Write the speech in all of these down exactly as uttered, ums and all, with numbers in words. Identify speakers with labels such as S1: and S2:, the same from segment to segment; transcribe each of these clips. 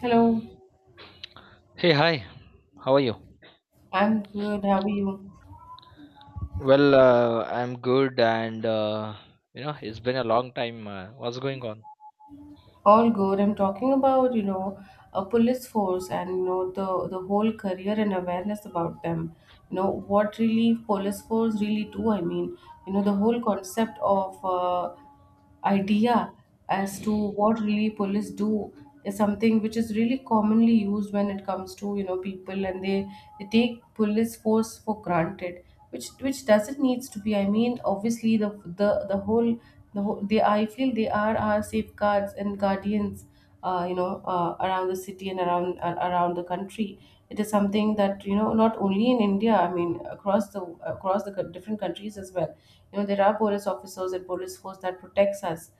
S1: Hello.
S2: Hey, hi. How are you?
S1: I'm good. How are you?
S2: Well, uh, I'm good, and uh, you know, it's been a long time. Uh, what's going on?
S1: All good. I'm talking about, you know, a police force and, you know, the, the whole career and awareness about them. You know what really police force really do. I mean, you know, the whole concept of uh, idea as to what really police do is something which is really commonly used when it comes to you know people, and they, they take police force for granted, which which doesn't needs to be. I mean obviously the the the whole the whole they I feel they are our safeguards and guardians, uh, you know uh, around the city and around uh, around the country. It is something that, you know not only in India, I mean across the across the co- different countries as well. You know, there are police officers and police force that protects us,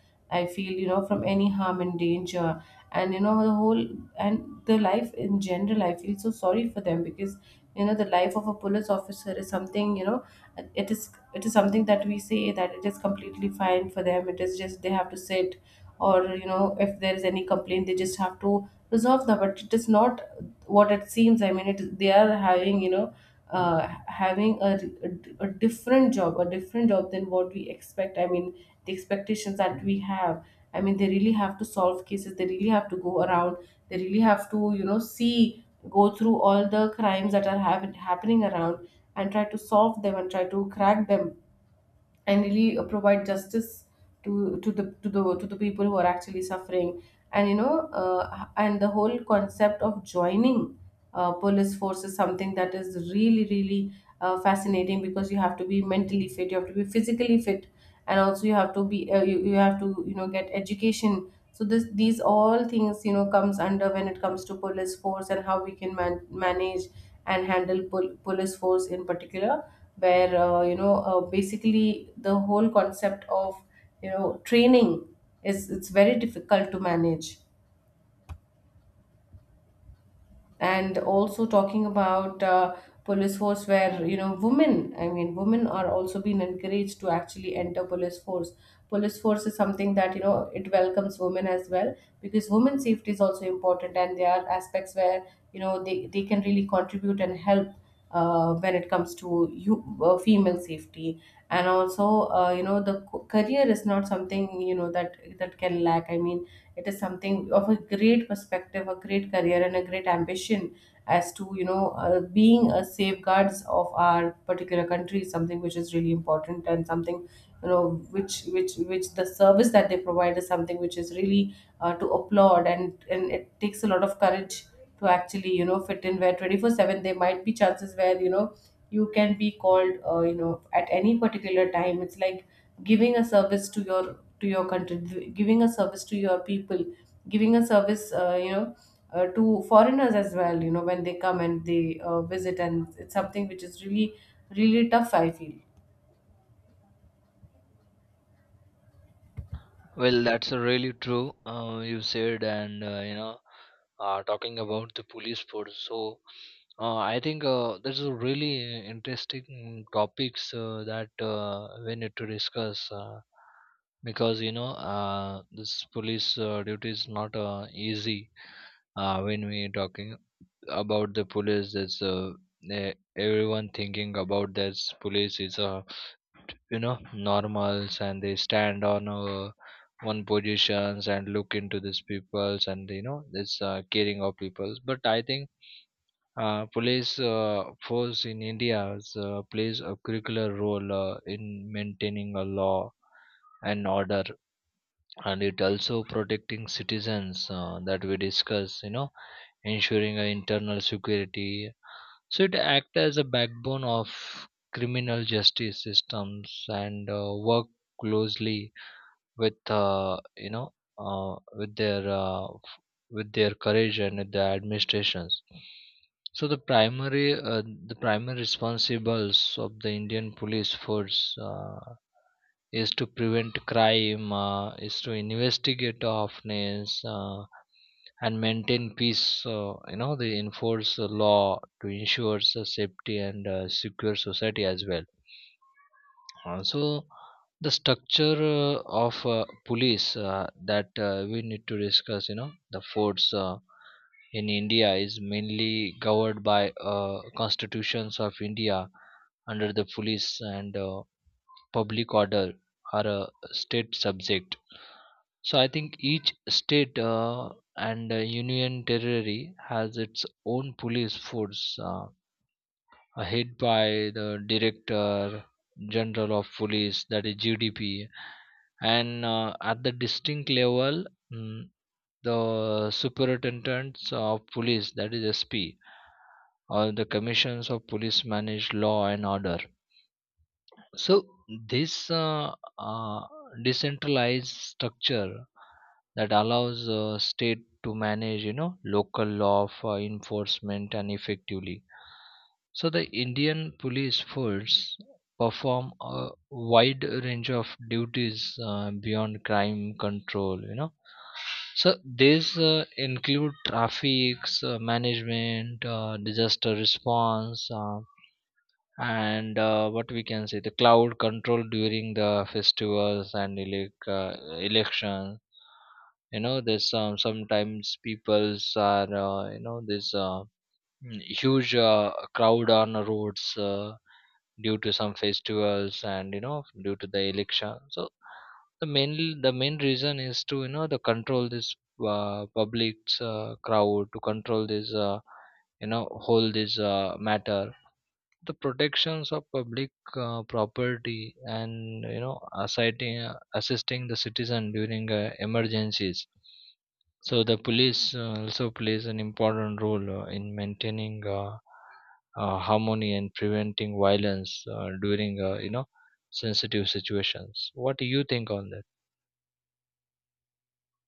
S1: I feel, you know, from any harm and danger. And you know the whole and The life in general, I feel so sorry for them because, you know, the life of a police officer is something, you know, it is it is something that we say that it is completely fine for them, it is just they have to sit or, you know, if there is any complaint they just have to resolve that. But it is not what it seems. I mean, it is- they are having, you know, uh, having a, a, a different job a different job than what we expect. I mean the expectations that we have, I mean they really have to solve cases, they really have to go around, they really have to, you know, see, go through all the crimes that are happen, happening around, and try to solve them and try to crack them, and really uh, provide justice to to the to the to the people who are actually suffering. And, you know, uh, and the whole concept of joining uh, police force is something that is really really uh, fascinating, because you have to be mentally fit, you have to be physically fit, and also you have to be uh, you, you have to, you know, get education. So this these all things, you know, comes under when it comes to police force and how we can man- manage and handle pol- police force in particular, where, uh, you know uh, basically the whole concept of, you know, training is, it's very difficult to manage. And also talking about, uh, police force, where, you know, women, I mean women are also being encouraged to actually enter police force. Police force is something that, you know, it welcomes women as well, because women's safety is also important, and there are aspects where, you know, they, they can really contribute and help uh, when it comes to you uh, female safety. And also, uh, you know, the c- career is not something, you know, that that can lack. I mean, it is something of a great perspective, a great career, and a great ambition, as to, you know, uh, being a safeguards of our particular country, is something which is really important, and something, you know, which which which the service that they provide is something which is really, uh, to applaud, and and it takes a lot of courage to actually, you know, fit in, where twenty-four seven there might be chances where, you know, you can be called, uh, you know at any particular time. It's like giving a service to your to your country, giving a service to your people, giving a service, uh, you know uh, to foreigners as well, you know, when they come and they uh, visit. And it's something which is really really tough, I feel.
S2: Well, that's really true. Uh, you said, and uh, you know, uh, talking about the police force. So, uh, I think uh, this is a really uh, interesting topics uh, that uh, we need to discuss uh, because you know, uh, this police uh, duty is not uh, easy uh, when we talking about the police that's uh, eh, everyone thinking about that police is uh, you know normals and they stand on uh, one positions and look into these peoples and you know this uh, caring of peoples, but I think uh, police uh, force in India uh, plays a curricular role uh, in maintaining a law and order, and it also protecting citizens uh, that we discuss. You know, ensuring a internal security, so it acts as a backbone of criminal justice systems and uh, work closely with uh, you know uh, with their uh, f- with their courage and with the administrations. So the primary uh, the primary responsibles of the Indian police force. Uh, is to prevent crime, uh, is to investigate offense, uh, and maintain peace. Uh, you know, they enforce the law to ensure the safety and uh, secure society as well. Uh, so the structure uh, of uh, police uh, that uh, we need to discuss, you know, the force uh, in India is mainly governed by uh, constitutions of India under the police and uh, public order are a state subject, so I think each state uh, and uh, union territory has its own police force, uh, uh, head by the director general of police, that is G D P, and uh, at the district level, mm, the superintendents of police, that is S P, or the commissions of police manage law and order. So this uh, uh, decentralized structure that allows uh, state to manage, you know, local law for enforcement and effectively. So the Indian police force perform a wide range of duties uh, beyond crime control. You know, so these uh, include traffic uh, management, uh, disaster response, uh, and uh, what we can say the cloud control during the festivals and elec- uh, election. You know, there's um, sometimes people's are uh, you know there's uh, mm, huge uh, crowd on the roads uh, due to some festivals and you know due to the election, so the main the main reason is to you know the control this uh, public's uh, crowd, to control this, uh, you know whole this uh, matter, the protections of public uh, property, and you know assisting, assisting the citizen during uh, emergencies. So the police uh, also plays an important role uh, in maintaining uh, uh, harmony and preventing violence uh, during uh, you know sensitive situations. What do you think on that?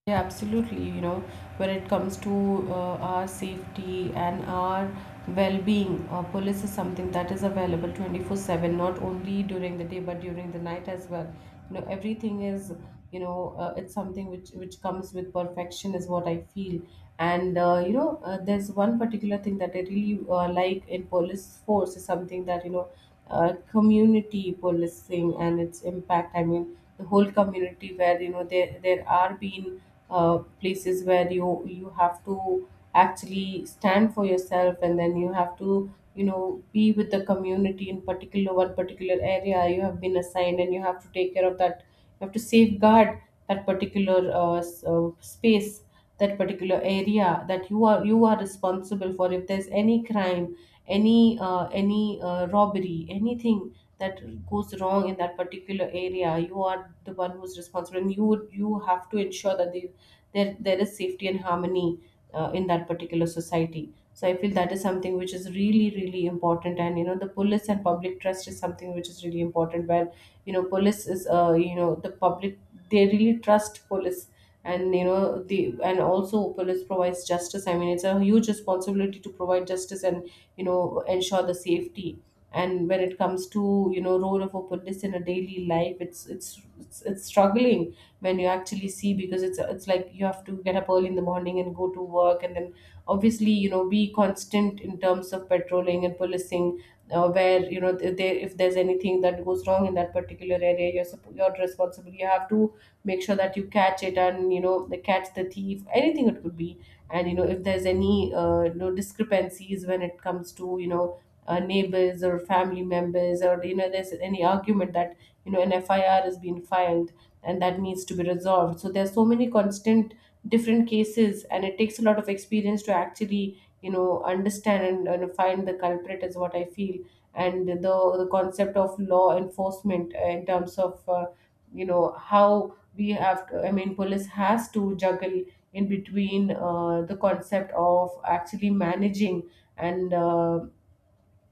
S1: Yeah, absolutely. You know, when it comes to uh, our safety and our well-being, uh, police is something that is available twenty-four seven, not only during the day but during the night as well. You know, everything is, you know, uh, it's something which which comes with perfection, is what I feel. And, uh, you know, uh, there's one particular thing that I really uh, like in police force, is something that, you know, uh, community policing and its impact. I mean, the whole community, where, you know, there there are been uh, places where you you have to actually stand for yourself, and then you have to, you know, be with the community, in particular one particular area you have been assigned, and you have to take care of that. You have to safeguard that particular uh, s- uh, space, that particular area that you are you are responsible for. If there's any crime, any uh, any uh, robbery, anything that goes wrong in that particular area, you are the one who's responsible, and you would you have to ensure that they, there there is safety and harmony uh, in that particular society. So I feel that is something which is really, really important. And, you know, the police and public trust is something which is really important, where, you know, police is, uh, you know, the public, they really trust police. And, you know, the and also police provides justice. I mean, it's a huge responsibility to provide justice and, you know, ensure the safety. And when it comes to, you know, role of a police in a daily life, it's it's it's, it's struggling when you actually see, because it's it's like you have to get up early in the morning and go to work, and then obviously, you know, be constant in terms of patrolling and policing, uh, where, you know, th- they, if there's anything that goes wrong in that particular area, you're supp- you're responsible, you have to make sure that you catch it, and, you know, they catch the thief, anything it could be. And, you know, if there's any, uh, you know discrepancies when it comes to, you know uh, neighbors or family members, or, you know, there's any argument that, you know, an F I R has been filed and that needs to be resolved. So there's so many constant different cases, and it takes a lot of experience to actually, you know, understand and, and find the culprit, is what I feel. And the, the concept of law enforcement in terms of, uh, you know, how we have to, I mean police has to juggle in between, uh, the concept of actually managing, and, uh,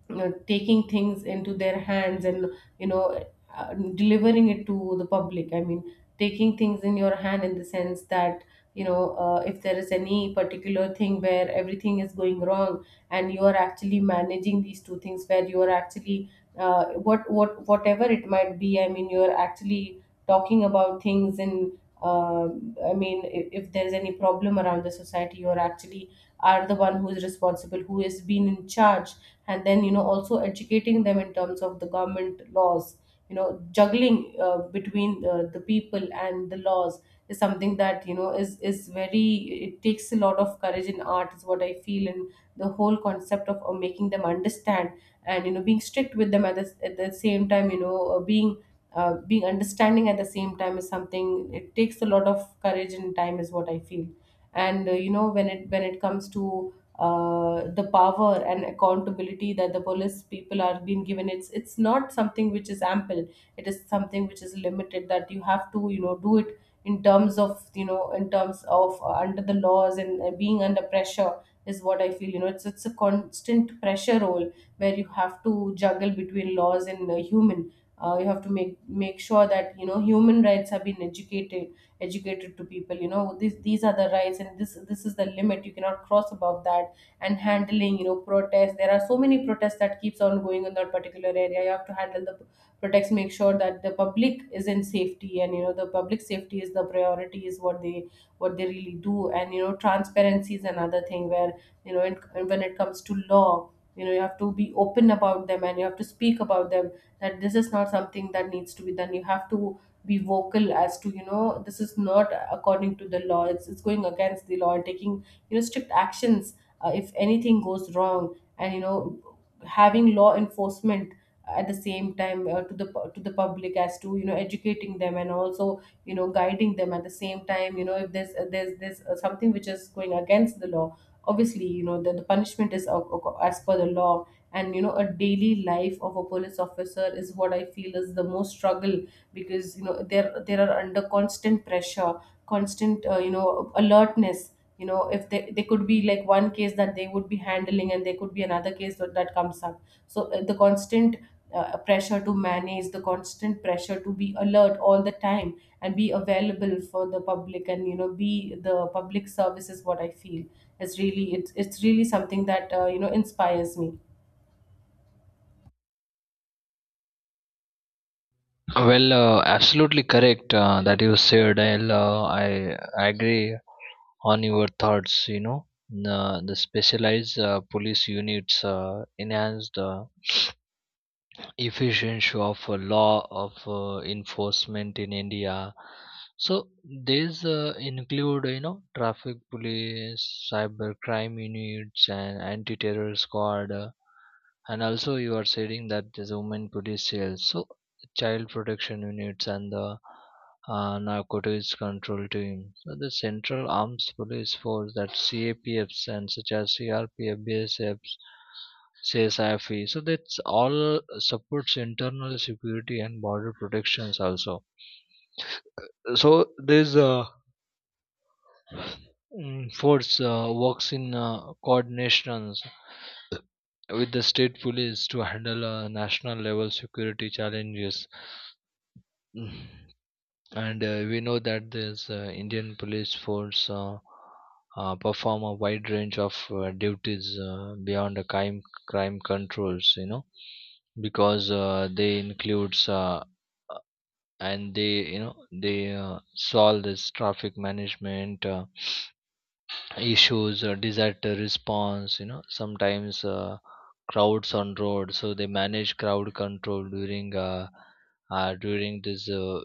S1: you know, taking things into their hands, and, you know, uh, delivering it to the public. I mean, taking things in your hand in the sense that, you know, uh, if there is any particular thing where everything is going wrong, and you are actually managing these two things where you are actually, uh, what what whatever it might be, I mean you are actually talking about things in, uh, I mean, if, if there's any problem around the society, you are actually are the one who is responsible, who has been in charge. And then, you know, also educating them in terms of the government laws, you know, juggling, uh, between, uh, the people and the laws, is something that, you know, is is very, it takes a lot of courage in art, is what I feel. And the whole concept of, uh, making them understand, and, you know, being strict with them at the, at the same time, you know, uh, being, uh, being understanding at the same time, is something. It takes a lot of courage and time, is what I feel. And, uh, you know, when it when it comes to, uh, the power and accountability that the police people are being given, it's it's not something which is ample, it is something which is limited. That you have to, you know, do it in terms of, you know, in terms of uh, under the laws, and, uh, being under pressure, is what I feel. You know, it's it's a constant pressure role where you have to juggle between laws and, uh, human, uh, you have to make make sure that, you know, human rights have been educated educated to people. You know, this these are the rights, and this this is the limit you cannot cross above that. And handling, you know, protests, there are so many protests that keeps on going in that particular area. You have to handle the protests, make sure that the public is in safety, and, you know, the public safety is the priority, is what they what they really do. And, you know, transparency is another thing where, you know it, when it comes to law, you know, you have to be open about them and you have to speak about them, that this is not something that needs to be done. You have to be vocal as to, you know, this is not according to the law, it's, it's going against the law, and taking, you know, strict actions, uh, if anything goes wrong and you know having law enforcement at the same time, uh, to the pu- to the public as to you know educating them and also you know guiding them at the same time. You know if there's uh, there's there's uh, something which is going against the law, obviously you know the, the punishment is ac- ac- as per the law. And you know a daily life of a police officer is what I feel is the most struggle, because you know they're they are under constant pressure, constant uh, you know alertness. You know if they, they could be like one case that they would be handling and there could be another case that, that comes up. So uh, the constant uh, pressure to manage, the constant pressure to be alert all the time and be available for the public and you know be the public service is what I feel is really it's, it's really something that uh, you know inspires me.
S2: well uh, absolutely correct uh, that you said. I'll, uh, i i agree on your thoughts. You know, the the specialized uh, police units uh, enhanced uh, efficiency of uh, law of uh, enforcement in India. So these uh, include, you know, traffic police, cyber crime units, and anti-terror squad, uh, and also you are saying that there's women police cells, so child protection units, and the uh, narcotics control team. So the central arms police force, that C A P Fs and such as C R P F, B S Fs, says C S I F E. So that's all supports internal security and border protections also. So there's a mm, force uh, works in uh, coordinations with the state police to handle uh, national level security challenges. Mm. And uh, we know that this uh, Indian police force uh, uh, perform a wide range of uh, duties uh, beyond the crime crime controls. You know, because uh, they includes uh, uh, and they you know they uh, solve this traffic management uh, issues or disaster response. You know, sometimes uh, crowds on road, so they manage crowd control during uh, uh during this uh,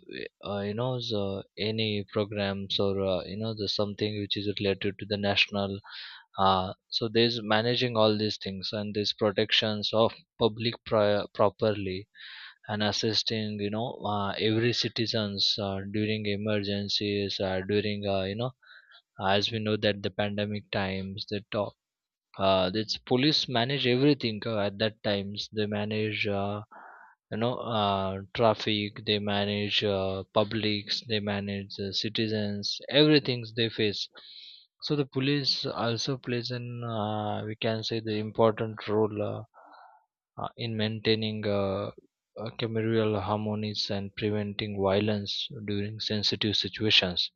S2: uh you know the, any programs or uh, you know the something which is related to the national. Uh so there's managing all these things, and these protections of public pri- properly, and assisting you know uh, every citizens uh, during emergencies uh, during uh, you know, as we know that the pandemic times the top uh this police manage everything uh, at that times. They manage uh, you know uh, traffic, they manage uh, publics, they manage uh, citizens, everything they face. So the police also plays an uh, we can say the important role uh, uh, in maintaining uh, uh, communal harmonies and preventing violence during sensitive situations.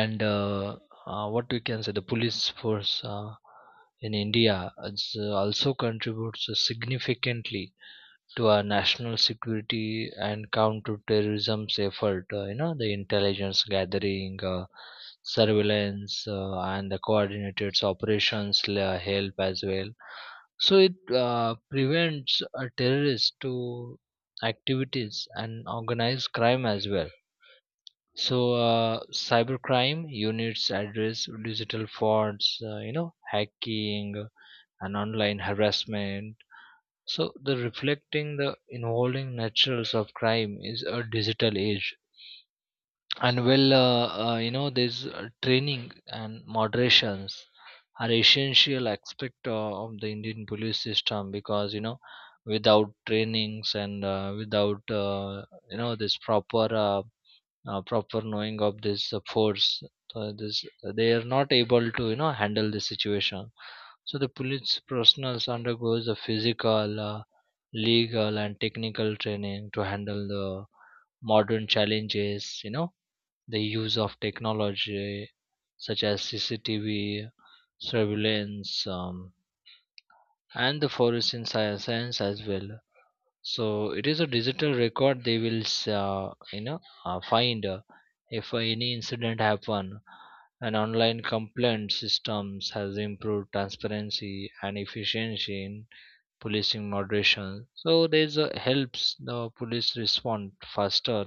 S2: And uh, uh, what we can say the police force uh, in India is, uh, also contributes significantly to our national security and counterterrorism's effort. Uh, you know, the intelligence gathering, uh, surveillance, uh, and the coordinated operations la- help as well. So it uh, prevents a terrorist to activities and organized crime as well. So uh, cybercrime units address digital frauds, uh, you know, hacking, uh, and online harassment. So the reflecting the involving natures of crime is a digital age. And well, uh, uh, you know, this uh, training and moderations are essential aspect o- of the Indian police system. Because you know, without trainings and uh, without uh, you know this proper uh, uh, proper knowing of this uh, force, uh, this uh, they are not able to you know handle the situation. So the police professionals undergoes a physical, uh, legal, and technical training to handle the modern challenges. You know, the use of technology such as C C T V surveillance, um, and the forest science, science as well. So it is a digital record they will s- uh, you know uh, find uh, if any incident happen. An online complaint systems has improved transparency and efficiency in policing moderation. So this a helps the police respond faster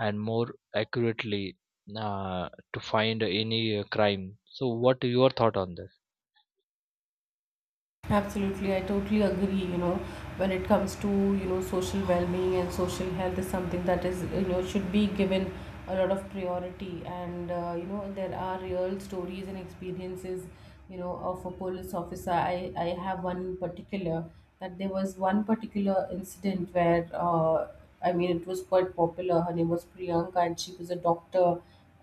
S2: and more accurately uh, to find any uh, crime. So what your thought on that?
S1: Absolutely, I totally agree. You know, when it comes to you know social well-being and social health is something that is you know should be given a lot of priority. And uh, you know there are real stories and experiences. You know, of a police officer. I I have one in particular, that there was one particular incident where uh, I mean it was quite popular. Her name was Priyanka, and she was a doctor.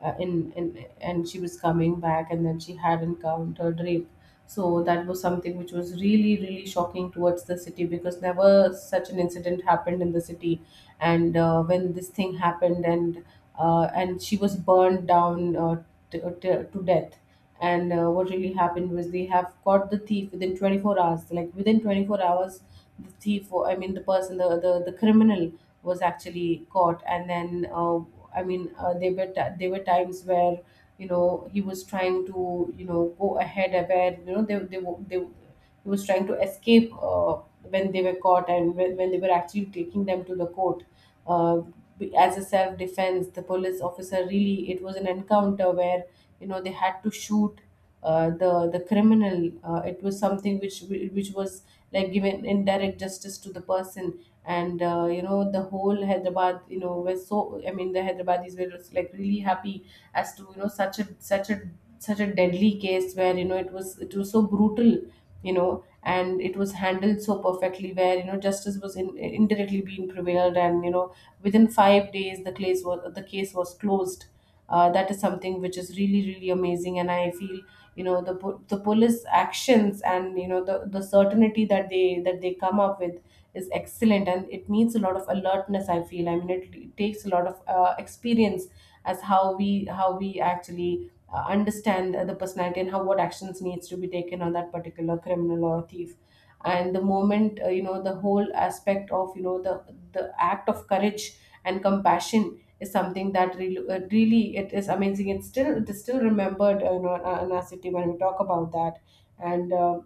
S1: Uh, in, in and she was coming back, and then she had encountered rape, so that was something which was really really shocking towards the city, because never such an incident happened in the city. And uh, when this thing happened, and uh, and she was burned down uh, t- uh, t- to death. And uh, what really happened was they have caught the thief within twenty-four hours, like within twenty-four hours the thief or- I mean the person, the the, the criminal was actually caught. And then uh, I mean uh, there were t- there were times where you know he was trying to you know go ahead, where you know they they, wo- they he was trying to escape uh, when they were caught, and when, when they were actually taking them to the court. uh, be- as a self defense, the police officer, really it was an encounter where you know they had to shoot uh, the the criminal. Uh, it was something which which was like given indirect justice to the person. And uh, you know the whole Hyderabad, you know, were so. I mean, the Hyderabadis were just like really happy as to you know such a such a such a deadly case, where you know it was it was so brutal, you know, and it was handled so perfectly where you know justice was in, indirectly being prevailed, and you know within five days the case was, the case was closed. uh, that is something which is really really amazing. And I feel you know the po- the police actions and you know the the certainty that they that they come up with is excellent, and it needs a lot of alertness I feel. I mean it, it takes a lot of uh, experience as how we how we actually uh, understand the personality and how what actions needs to be taken on that particular criminal or thief. And the moment uh, you know the whole aspect of you know the the act of courage and compassion is something that really, uh, really it is amazing. It's still, it is still remembered uh, you know in our in our city when we talk about that. And uh,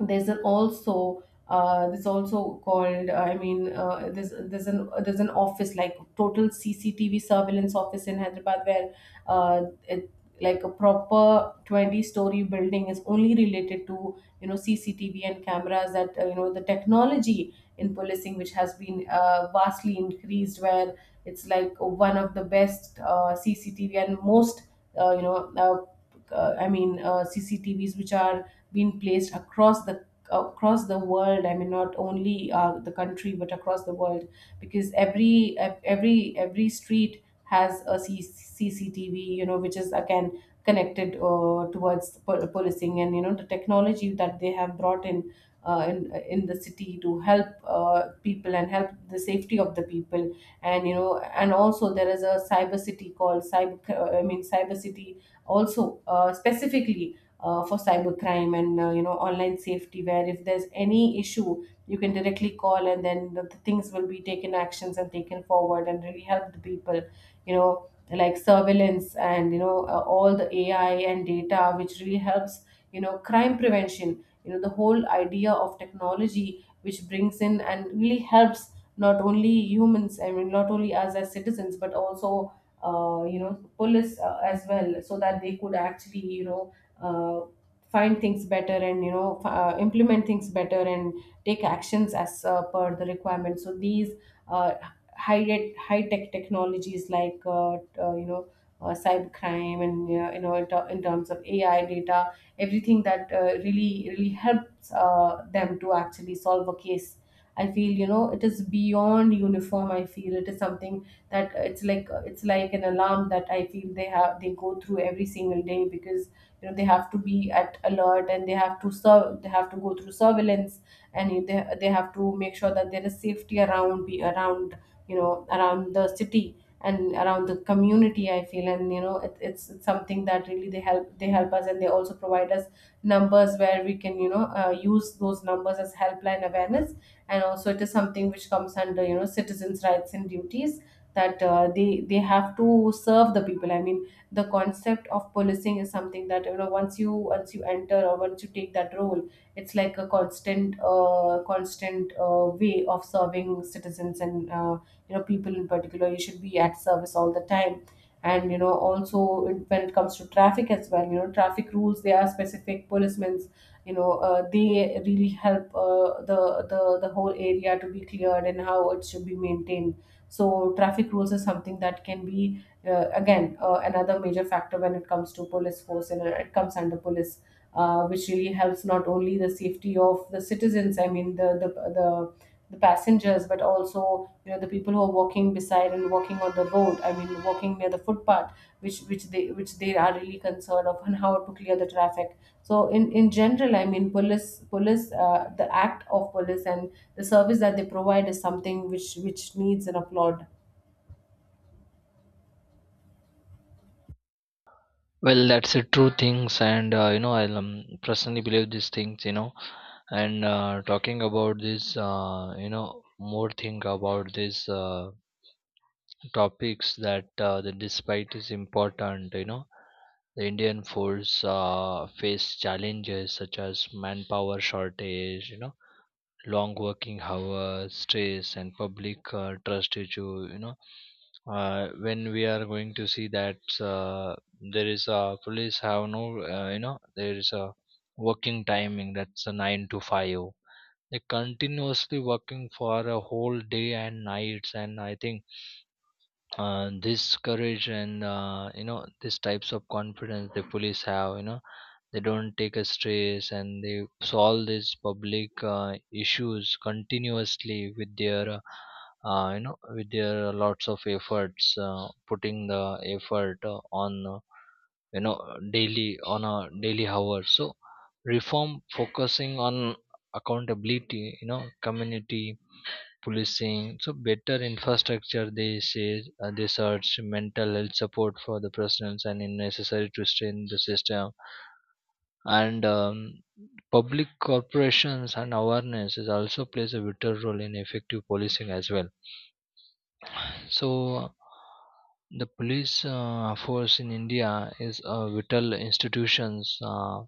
S1: there's an also uh, this also called uh, I mean uh, there's there's an there's an office like total C C T V surveillance office in Hyderabad, where uh, it, like a proper twenty story building is only related to you know C C T V and cameras, that uh, you know the technology in policing, which has been uh, vastly increased, where it's like one of the best uh, C C T V and most uh, you know uh, uh, I mean uh, C C T Vs which are been placed across the, across the world. I mean not only uh, the country but across the world, because every ev- every every street has a C- cctv, you know, which is again connected uh, towards pol- policing, and you know the technology that they have brought in uh, in, in the city to help uh, people and help the safety of the people. And you know and also there is a cyber city called cyber uh, I mean cyber city, also uh, specifically uh, for cybercrime. And uh, you know online safety, where if there's any issue you can directly call, and then the, the things will be taken actions and taken forward and really help the people, you know, like surveillance and you know uh, all the AI and data which really helps you know crime prevention. You know, the whole idea of technology which brings in and really helps not only humans, I mean not only us as citizens, but also uh, you know police uh, as well, so that they could actually you know uh, find things better and you know f- uh, implement things better and take actions as uh, per the requirement. So these uh, high tech high tech technologies like uh, t- uh, you know uh, cyber crime and you know, you know in, ter- in terms of AI data, everything that uh, really really helps uh, them to actually solve a case. I feel you know it is beyond uniform. I feel it is something that uh, it's like it's like an alarm that I feel they have, they go through every single day, because you know they have to be at alert and they have to serve. They have to go through surveillance, and you- they, they have to make sure that there is safety around, be around you know around the city and around the community I feel. And you know it, it's, it's something that really they help they help us, and they also provide us numbers where we can you know uh, use those numbers as helpline awareness. And also it is something which comes under you know citizens rights and duties, that uh, they they have to serve the people. I mean the concept of policing is something that you know once you once you enter, or once you take that role, it's like a constant uh, constant uh, way of serving citizens and uh, you know people in particular. You should be at service all the time. And you know also in- when it comes to traffic as well, you know traffic rules, they are specific policemen's. You know uh, they really help uh, the, the the whole area to be cleared and how it should be maintained. So traffic rules is something that can be uh, again uh, another major factor when it comes to police force, and it comes under police uh, which really helps not only the safety of the citizens. I mean the the the, the passengers, but also you know the people who are walking beside and walking on the road. I mean walking near the footpath, which which they which they are really concerned of, and how to clear the traffic. So in in general, I mean police police, uh, the act of police and the service that they provide is something which which needs an applaud.
S2: Well, that's a true things, and uh, you know i um, personally believe these things. You know, and uh, talking about this uh, you know more thing about these uh, topics that uh, the despite is important. You know, the Indian force uh, face challenges such as manpower shortage, you know, long working hours, stress, and public uh, trust issue. You know, uh, when we are going to see that uh, there is a police have no uh, you know there is a working timing that's a nine to five. They continuously working for a whole day and nights, and I think uh, this courage and uh, you know these types of confidence the police have. You know, they don't take a stress and they solve these public uh, issues continuously with their uh, uh, you know with their lots of efforts uh, putting the effort uh, on uh, you know daily on a daily hour. So reform focusing on accountability, you know, community policing, so better infrastructure, they say uh, they search mental health support for the prisoners, and in necessary to strengthen the system. And um, public corporations and awareness is also plays a vital role in effective policing as well. So the police uh, force in India is a vital institutions uh,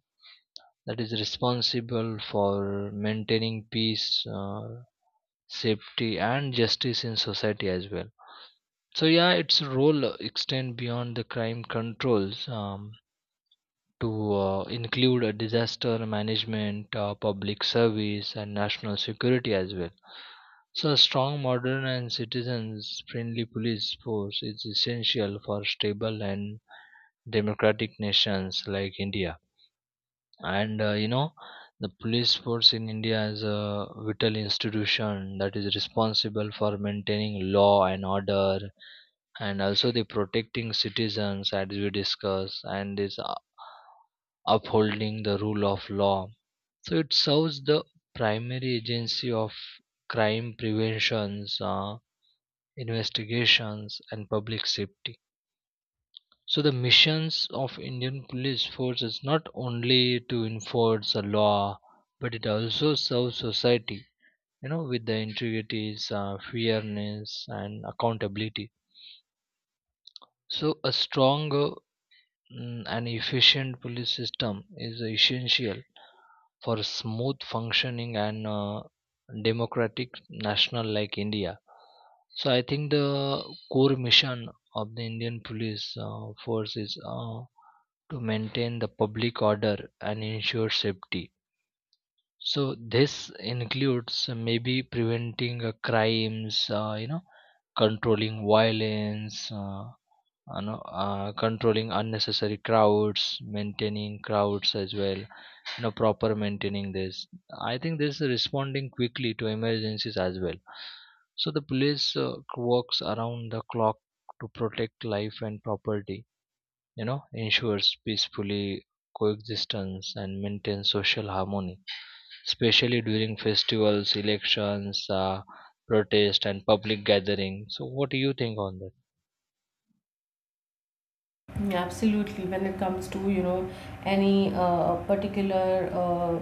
S2: that is responsible for maintaining peace, uh, safety, and justice in society as well. So yeah, its role extend beyond the crime controls, um, to uh, include a disaster management, uh, public service, and national security as well. So a strong, modern, and citizens-friendly police force is essential for stable and democratic nations like India. And uh, you know, the police force in India is a vital institution that is responsible for maintaining law and order, and also the protecting citizens as we discuss, and is u- upholding the rule of law. So it serves the primary agency of crime preventions, uh, investigations, and public safety. So the missions of Indian police force is not only to enforce the law, but it also serves society, you know, with the integrities, uh, fairness, and accountability. So a stronger, Mm, an efficient police system is essential for smooth functioning and uh, democratic national like India. So I think the core mission of the Indian police uh, force is uh, to maintain the public order and ensure safety. So this includes uh, maybe preventing uh, crimes, uh, you know, controlling violence. Uh, you know, uh, controlling unnecessary crowds, maintaining crowds as well, you know, proper maintaining this. I think this is responding quickly to emergencies as well. So the police uh, works around the clock to protect life and property, you know, ensures peacefully coexistence and maintain social harmony, especially during festivals, elections, uh, protest, and public gathering. So what do you think on that?
S1: Yeah, absolutely. When it comes to, you know, any uh, particular uh,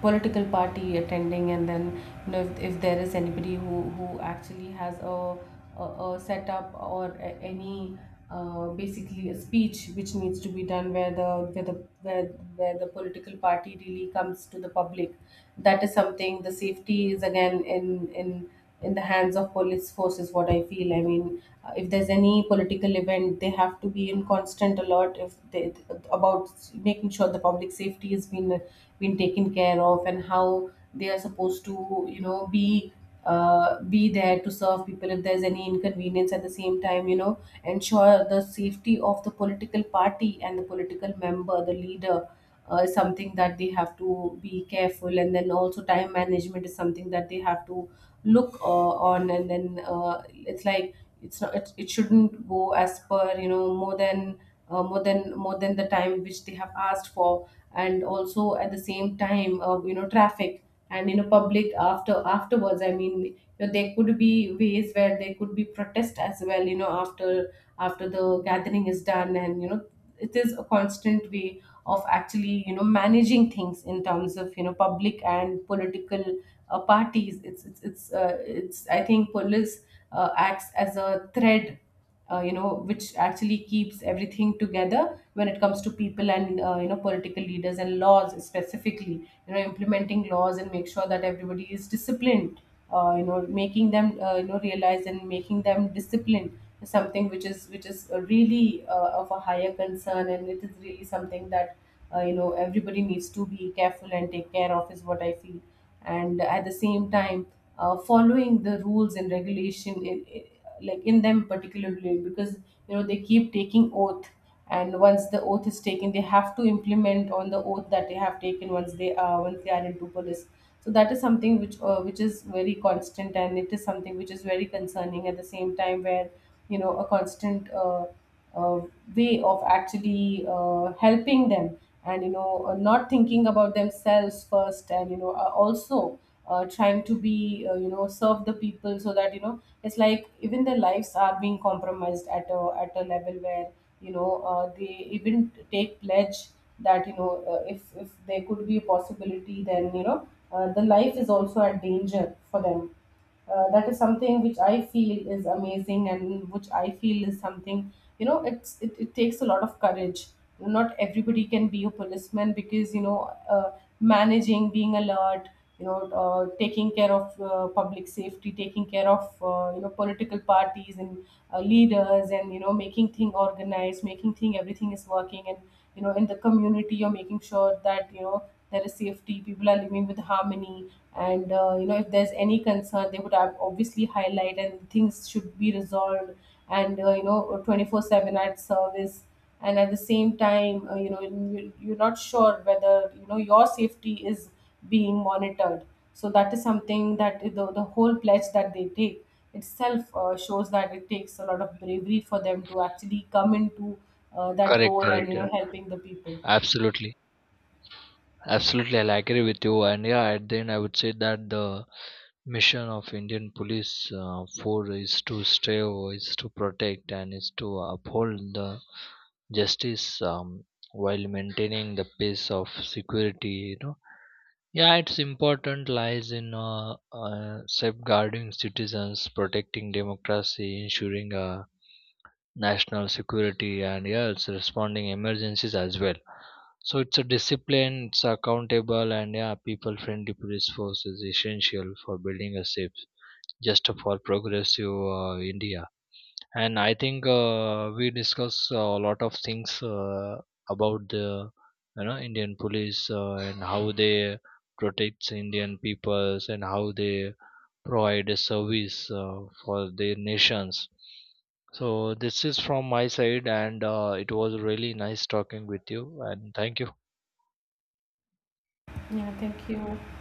S1: political party attending, and then, you know, if, if there is anybody who, who actually has a, a, a setup or a, any uh, basically a speech which needs to be done, where the where the where, where the political party really comes to the public, that is something. The safety is again in in in the hands of police force is what I feel. I mean uh, if there's any political event they have to be in constant alert, if they about making sure the public safety has been been taken care of, and how they are supposed to you know be uh, be there to serve people if there's any inconvenience. At the same time you know ensure the safety of the political party and the political member, the leader uh, is something that they have to be careful. And then also time management is something that they have to look uh, on. And then uh, it's like it's not it, it shouldn't go as per you know more than uh, more than more than the time which they have asked for. And also at the same time uh, you know traffic and you know public after afterwards. I mean you know, there could be ways where there could be protest as well, you know, after after the gathering is done. And you know it is a constant way of actually you know managing things in terms of you know public and political uh, parties. It's it's it's, uh, it's I think police uh, acts as a thread, uh, you know, which actually keeps everything together when it comes to people, and uh, you know political leaders and laws specifically. You know implementing laws and make sure that everybody is disciplined, uh, you know making them uh, you know realize, and making them disciplined is something which is which is uh, really uh, of a higher concern. And it is really something that uh, you know everybody needs to be careful and take care of is what I feel. And at the same time uh, following the rules and regulation in, like in them particularly, because you know they keep taking oath. And once the oath is taken they have to implement on the oath that they have taken, once they are once they are into police. So that is something which uh, which is very constant, and it is something which is very concerning at the same time, where you know a constant uh, uh, way of actually uh, helping them. And you know uh, not thinking about themselves first. And you know uh, also uh, trying to be uh, you know serve the people, so that you know it's like even their lives are being compromised at a at a level where you know uh, they even take pledge, that you know uh, if if there could be a possibility then you know uh, the life is also at danger for them. Uh, that is something which I feel is amazing, and which I feel is something you know it's it, it takes a lot of courage. Not everybody can be a policeman, because you know uh, managing, being alert, you know uh, taking care of uh, public safety, taking care of uh, you know political parties and uh, leaders. And you know making thing organized, making thing everything is working. And you know in the community you're making sure that you know there is safety, people are living with harmony. And uh, you know if there's any concern they would have obviously highlight and things should be resolved. And uh, you know, twenty-four seven at service. And at the same time uh, you know you- you're not sure whether you know your safety is being monitored. So that is something that the, the whole pledge that they take itself uh, shows that it takes a lot of bravery for them to actually come into uh, that
S2: Correct,
S1: role. And right,
S2: correct,
S1: you know,
S2: correct.
S1: helping the people.
S2: Absolutely, absolutely, I'll agree with you. And yeah, at the end, I would say that the mission of Indian police uh, for is to stay, is to protect, and is to uphold the justice, um, while maintaining the peace of security. You know, yeah, its important lies in uh, uh, safeguarding citizens, protecting democracy, ensuring a national security, and yeah, it's responding emergencies as well. So it's a discipline, it's accountable, and yeah, people friendly police force is essential for building a safe, just, for progressive uh, India. And I think uh, we discuss uh, a lot of things uh, about the you know Indian police, uh, and how they protects Indian peoples, and how they provide a service uh, for their nations. So this is from my side, and uh, it was really nice talking with you, and thank you.
S1: Yeah, thank you.